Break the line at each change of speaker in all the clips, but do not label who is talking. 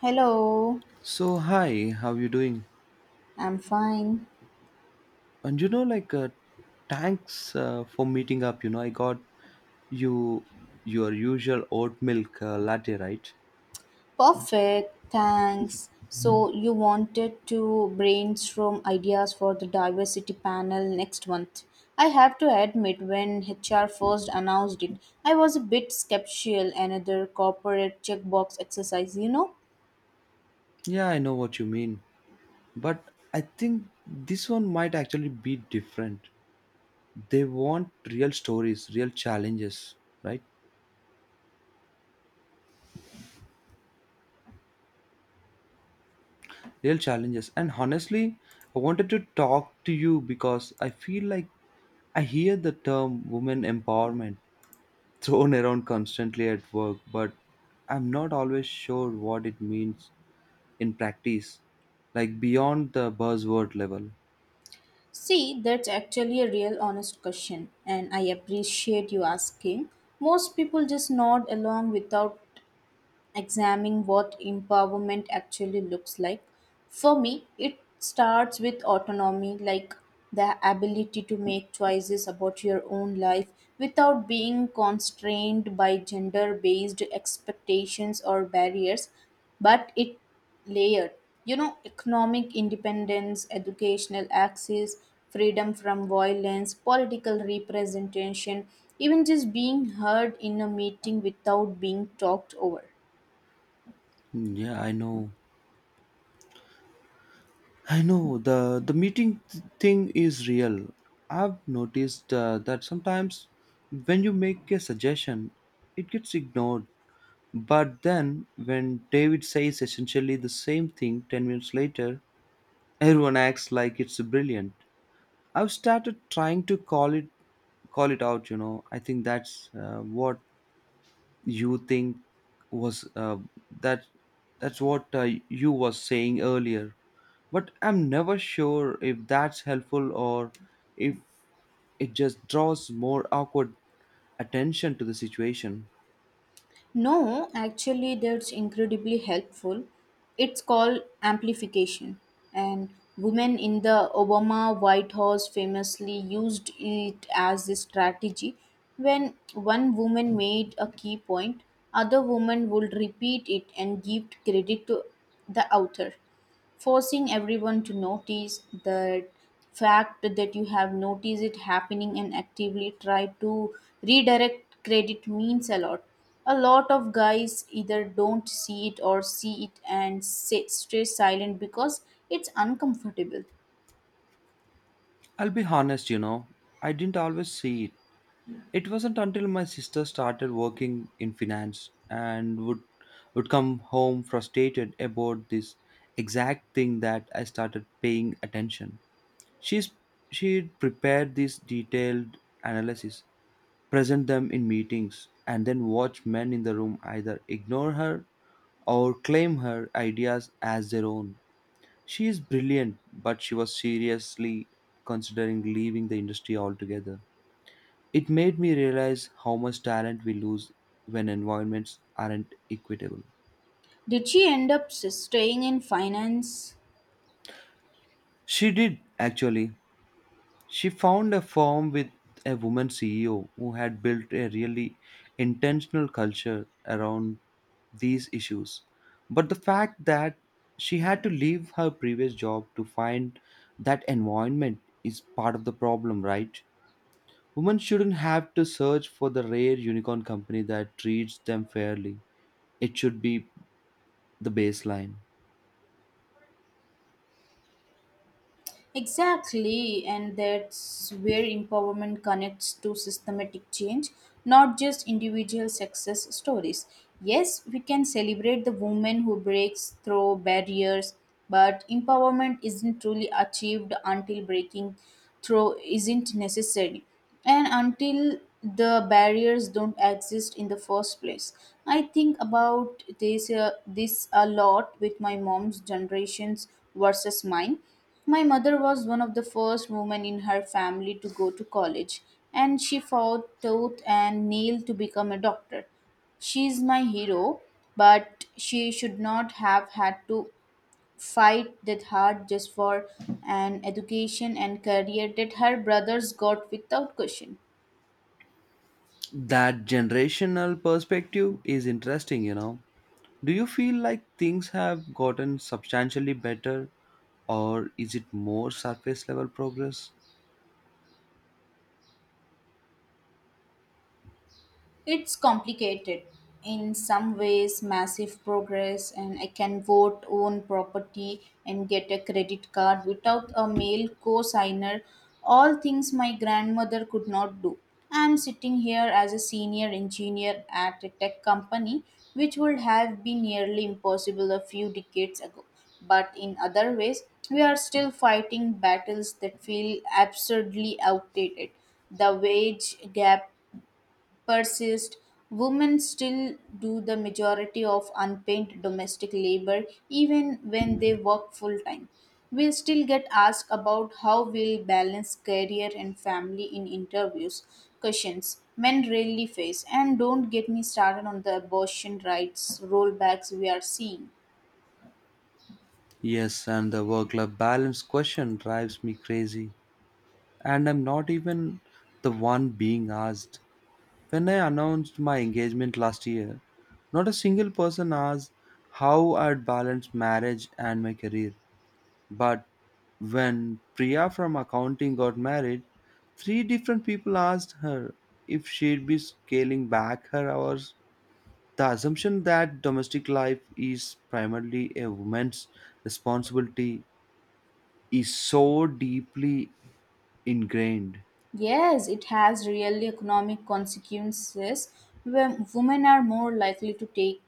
Hello,
So hi, how you doing?
I'm fine.
And you know, like, Thanks for meeting up. You know, I got you your usual oat milk latte, right?
Perfect, thanks. So, you wanted to brainstorm ideas for the diversity panel next month. I have to admit, when HR first announced it, I was a bit skeptical. Another corporate checkbox exercise, you know?
Yeah, I know what you mean, but I think this one might actually be different. They want real stories, real challenges, right? Real challenges. And honestly, I wanted to talk to you because I feel like I hear the term women empowerment thrown around constantly at work, but I'm not always sure what it means in practice, like beyond the buzzword level.
See, that's actually a real honest question, and I appreciate you asking. Most people just nod along without examining what empowerment actually looks like. For me, it starts with autonomy, like the ability to make choices about your own life without being constrained by gender based expectations or barriers, but it layered. You know, economic independence, educational access, freedom from violence, political representation, even just being heard in a meeting without being talked over.
Mm, yeah, I know. I know the meeting thing is real. I've noticed that sometimes when you make a suggestion, it gets ignored. But then when David says essentially the same thing 10 minutes later, everyone acts like it's brilliant. I've started trying to call it out. You know, I think that's what you think was that that's what you was saying earlier. But I'm never sure if that's helpful or if it just draws more awkward attention to the situation.
No, actually, that's incredibly helpful. It's called amplification. And women in the Obama White House famously used it as a strategy. When one woman made a key point, other women would repeat it and give credit to the author forcing everyone to notice the fact that you have noticed it happening and actively try to redirect credit means a lot of guys either don't see it or see it and say, stay silent because it's uncomfortable.
I'll be honest, you know, I didn't always see it. It wasn't until my sister started working in finance and would come home frustrated about this exact thing that I started paying attention. She's she prepared these detailed analysis, present them in meetings, and then watch men in the room either ignore her or claim her ideas as their own. She is brilliant, but she was seriously considering leaving the industry altogether. It made me realize how much talent we lose when environments aren't equitable.
Did she end up staying in finance?
She did, actually. She found a firm with a woman CEO who had built a really intentional culture around these issues. But the fact that she had to leave her previous job to find that environment is part of the problem, right? Women shouldn't have to search for the rare unicorn company that treats them fairly. It should be the baseline.
Exactly, and that's where empowerment connects to systematic change, not just individual success stories. Yes, we can celebrate the woman who breaks through barriers, but empowerment isn't truly achieved until breaking through isn't necessary and until the barriers don't exist in the first place. I think about this a lot with my mom's generations versus mine. My mother was one of the first women in her family to go to college, and she fought tooth and nail to become a doctor. She is my hero, but she should not have had to fight that hard just for an education and career that her brothers got without question.
That generational perspective is interesting, you know. Do you feel like things have gotten substantially better or is it more surface level progress?
It's complicated. In some ways, massive progress, and I can vote, own property, and get a credit card without a male co signer. All things my grandmother could not do. I'm sitting here as a senior engineer at a tech company, which would have been nearly impossible a few decades ago. But in other ways, we are still fighting battles that feel absurdly outdated. The wage gap persist, women still do the majority of unpaid domestic labor even when they work full time. We still get asked about how we'll balance career and family in interviews, questions men rarely face. And don't get me started on the abortion rights rollbacks we are seeing.
Yes, and the work life balance question drives me crazy. And I'm not even the one being asked. When I announced my engagement last year, not a single person asked how I'd balance marriage and my career. But when Priya from accounting got married, three different people asked her if she'd be scaling back her hours. The assumption that domestic life is primarily a woman's responsibility is so deeply ingrained.
Yes, it has real economic consequences when women are more likely to take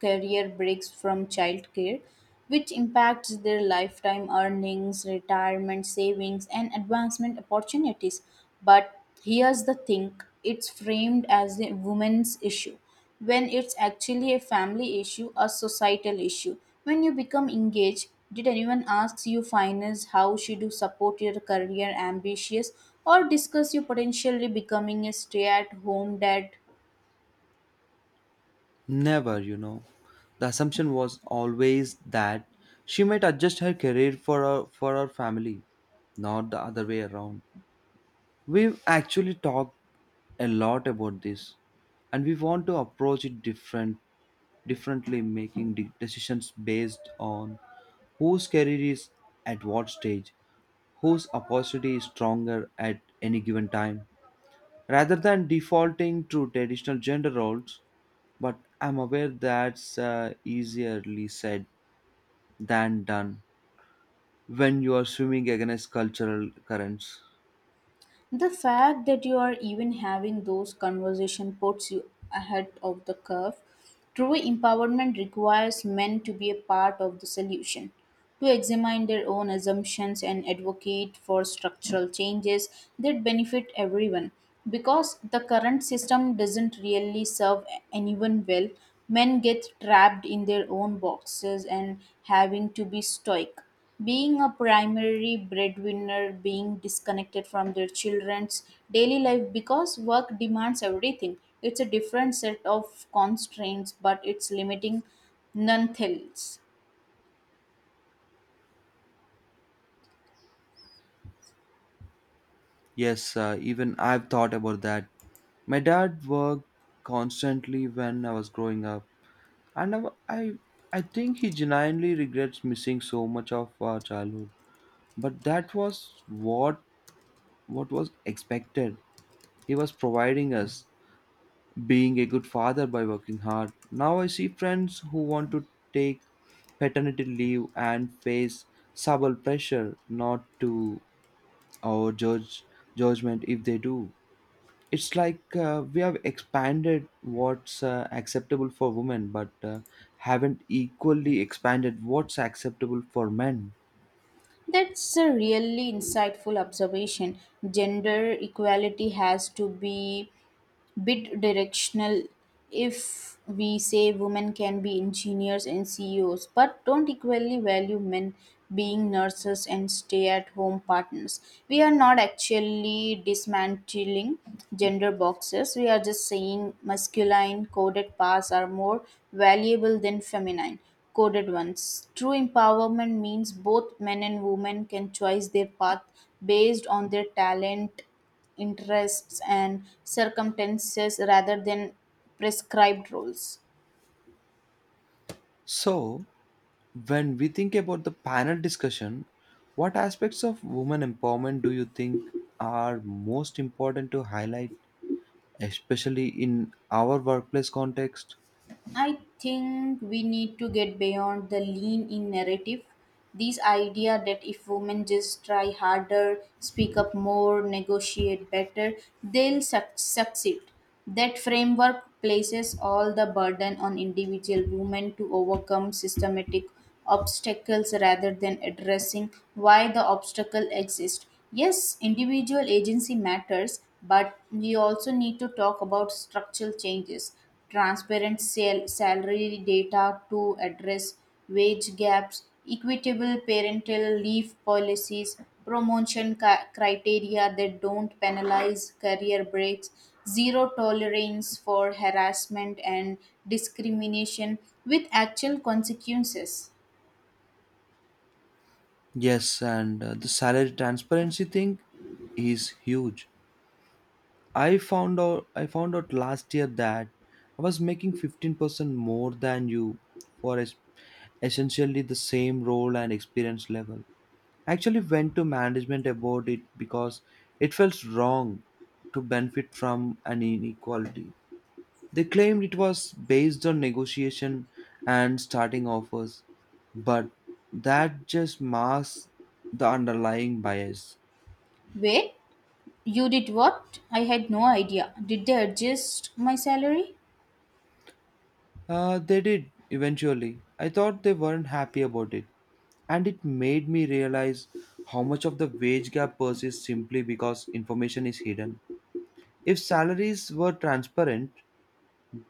career breaks from childcare, which impacts their lifetime earnings, retirement savings, and advancement opportunities. But here's the thing: it's framed as a women's issue when it's actually a family issue, a societal issue. When you become engaged, did anyone ask you finance, how should you support your career ambitions, or discuss you potentially becoming a stay at home dad?
Never, you know. The assumption was always that she might adjust her career for her family, not the other way around. We've actually talked a lot about this and we want to approach it differently, making decisions based on whose career is at what stage, whose opportunity is stronger at any given time, rather than defaulting to traditional gender roles. But I'm aware that's easierly said than done when you are swimming against cultural currents.
The fact that you are even having those conversations puts you ahead of the curve. True empowerment requires men to be a part of the solution, to examine their own assumptions and advocate for structural changes that benefit everyone. Because the current system doesn't really serve anyone well, men get trapped in their own boxes and having to be stoic. Being a primary breadwinner, being disconnected from their children's daily life because work demands everything. It's a different set of constraints, but it's limiting nonetheless.
Yes, even I've thought about that. My dad worked constantly when I was growing up, and I, I think he genuinely regrets missing so much of our childhood. But that was what was expected. He was providing us, being a good father by working hard. Now I see friends who want to take paternity leave and face subtle pressure not to, or judge judgment if they do. It's like we have expanded what's acceptable for women but haven't equally expanded what's acceptable for men.
That's a really insightful observation. Gender equality has to be bit directional. If we say women can be engineers and CEOs, but don't equally value men being nurses and stay at home partners, we are not actually dismantling gender boxes, we are just saying masculine coded paths are more valuable than feminine coded ones. True empowerment means both men and women can choose their path based on their talent interests and circumstances rather than prescribed roles.
So when we think about the panel discussion, what aspects of women empowerment do you think are most important to highlight, especially in our workplace context?
I think we need to get beyond the lean in narrative. This idea that if women just try harder, speak up more, negotiate better, they'll succeed. That framework places all the burden on individual women to overcome systematic obstacles rather than addressing why the obstacle exists. Yes, individual agency matters, but we also need to talk about structural changes, transparent salary data to address wage gaps, equitable parental leave policies, promotion criteria that don't penalize career breaks, zero tolerance for harassment and discrimination with actual consequences.
Yes, and the salary transparency thing is huge. I found out last year that I was making 15% more than you for essentially the same role and experience level. I actually went to management about it because it felt wrong to benefit from an inequality. They claimed it was based on negotiation and starting offers, but that just masks the underlying bias.
Wait, you did what? I had no idea. Did they adjust my salary?
They did eventually. I thought they weren't happy about it. And it made me realize how much of the wage gap persists simply because information is hidden. If salaries were transparent,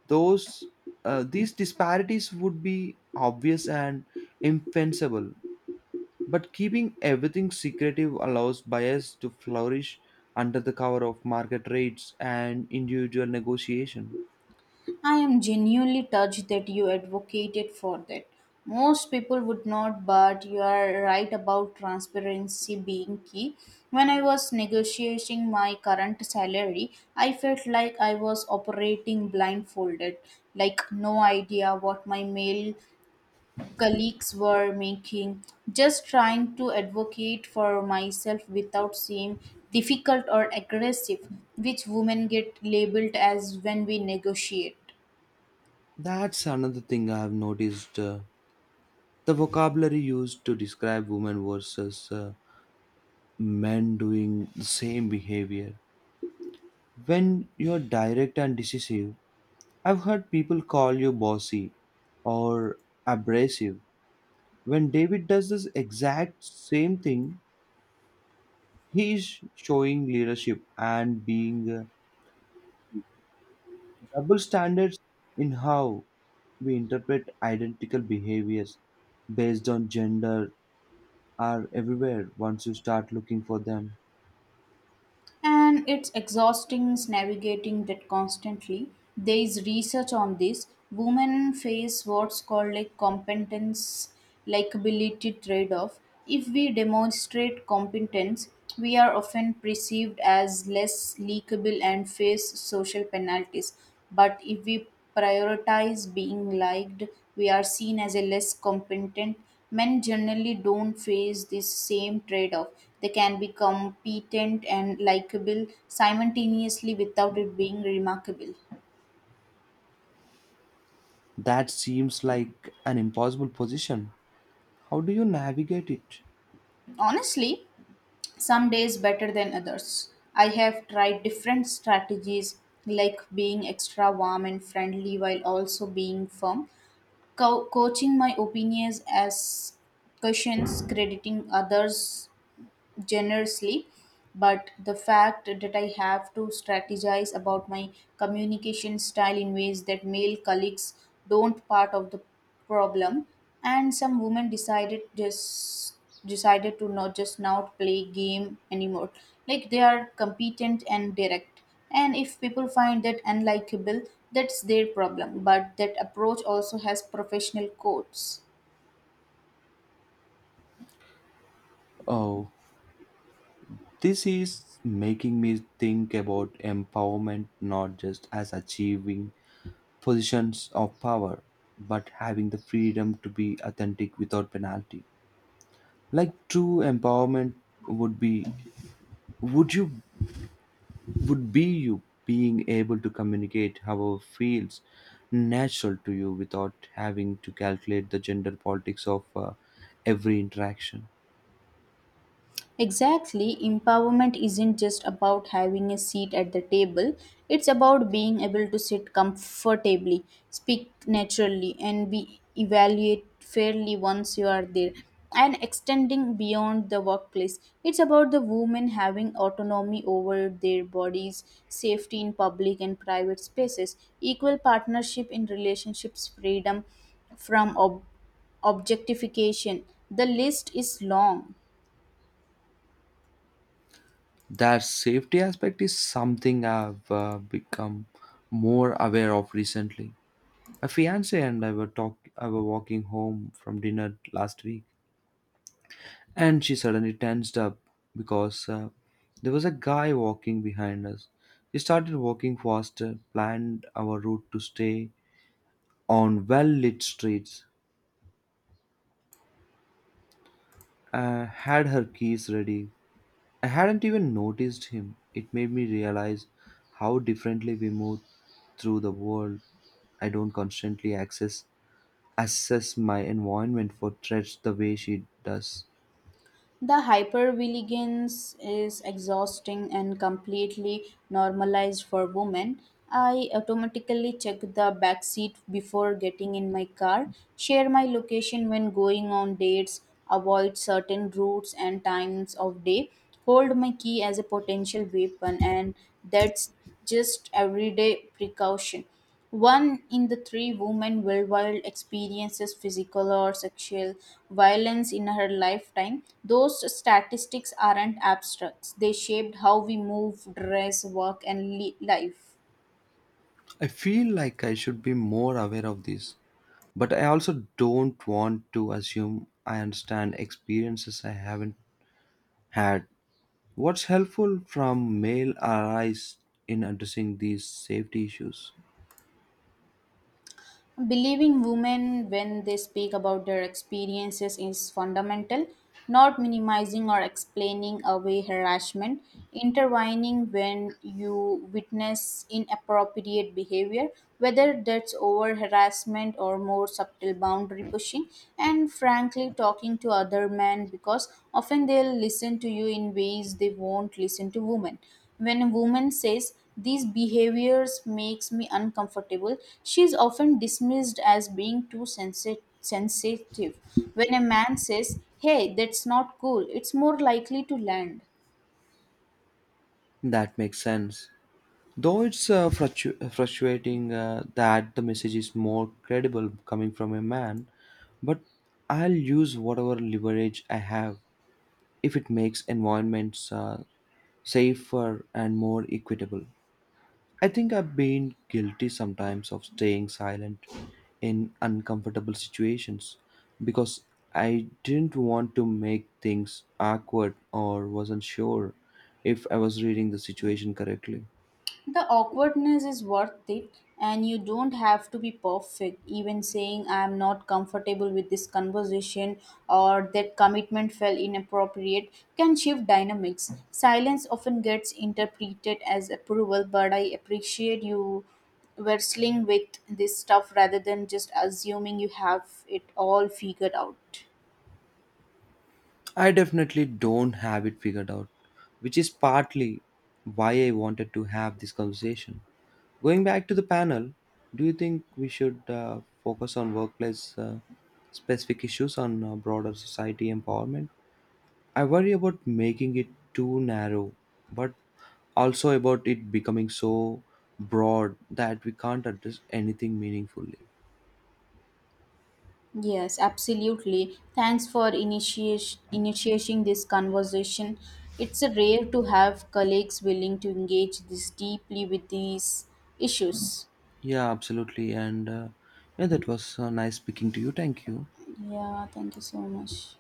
those these disparities would be obvious and infensible. But keeping everything secretive allows bias to flourish under the cover of market rates and individual negotiation.
I am genuinely touched that you advocated for that. Most people would not, but you are right about transparency being key. When I was negotiating my current salary, I felt like I was operating blindfolded, like no idea what my mail colleagues were making, just trying to advocate for myself without seeming difficult or aggressive, which women get labeled as when we negotiate.
That's another thing I have noticed. The vocabulary used to describe women versus men doing the same behavior. When you're direct and decisive, I've heard people call you bossy or abrasive. When David does this exact same thing, he is showing leadership and being double standards in how we interpret identical behaviors based on gender are everywhere once you start looking for them.
And it's exhausting navigating that constantly. There is research on this. Women face what's called a competence likability trade off. If we demonstrate competence, we are often perceived as less likable and face social penalties. But if we prioritize being liked, we are seen as a less competent. Men generally don't face this same trade off. They can be competent and likable simultaneously without it being remarkable.
That seems like an impossible position. How do you navigate it?
Honestly, some days better than others. I have tried different strategies, like being extra warm and friendly while also being firm, coaching my opinions as questions, crediting others generously, but the fact that I have to strategize about my communication style in ways that male colleagues don't part of the problem. And some women decided to not play game anymore, like they are competent and direct, and if people find that unlikable, that's their problem, but that approach also has professional codes.
Oh, this is making me think about empowerment not just as achieving positions of power, but having the freedom to be authentic without penalty. Like true empowerment would be would you would be you being able to communicate however feels natural to you without having to calculate the gender politics of every interaction.
Exactly, empowerment isn't just about having a seat at the table, it's about being able to sit comfortably, speak naturally, and be evaluated fairly once you are there. And extending beyond the workplace, it's about the women having autonomy over their bodies, safety in public and private spaces, equal partnership in relationships, freedom from objectification. The list is long.
That safety aspect is something I've become more aware of recently. A fiance and I were talk I were walking home from dinner last week, and she suddenly tensed up because there was a guy walking behind us. He started walking faster, planned our route to stay on well lit streets, had her keys ready. I hadn't even noticed him. It made me realize how differently we move through the world. I don't constantly access assess my environment for threats the way she does.
The hypervigilance is exhausting and completely normalized for women. I automatically check the back seat before getting in my car, share my location when going on dates, avoid certain routes and times of day, hold my key as a potential weapon, and that's just everyday precaution. One in the three women worldwide experiences physical or sexual violence in her lifetime. Those statistics aren't abstracts, they shaped how we move, dress, work, and life.
I feel like I should be more aware of this, but I also don't want to assume I understand experiences I haven't had. What's helpful from male allies in addressing these safety issues?
Believing women when they speak about their experiences is fundamental, not minimizing or explaining away harassment, intertwining when you witness inappropriate behavior, whether that's over harassment or more subtle boundary pushing, and frankly talking to other men because often they'll listen to you in ways they won't listen to women. When a woman says, these behaviors makes me uncomfortable, she is often dismissed as being too sensitive. When a man says, "Hey, that's not cool," it's more likely to land.
That makes sense. Though it's frustrating that the message is more credible coming from a man, but I'll use whatever leverage I have if it makes environments safer and more equitable. I think I've been guilty sometimes of staying silent in uncomfortable situations because I didn't want to make things awkward or wasn't sure if I was reading the situation correctly.
The awkwardness is worth it, and you don't have to be perfect. Even saying, I'm not comfortable with this conversation or that commitment felt inappropriate, can shift dynamics. Silence often gets interpreted as approval, but I appreciate you wrestling with this stuff rather than just assuming you have it all figured out.
I definitely don't have it figured out, which is partly why I wanted to have this conversation. Going back to the panel, do you think we should focus on workplace specific issues on broader society empowerment? I worry about making it too narrow, but also about it becoming so broad that we can't address anything meaningfully.
Yes, absolutely. Thanks for initiating this conversation. It's rare to have colleagues willing to engage this deeply with these issues.
Yeah, absolutely. And yeah, that was nice speaking to you. Thank you.
Yeah, thank you so much.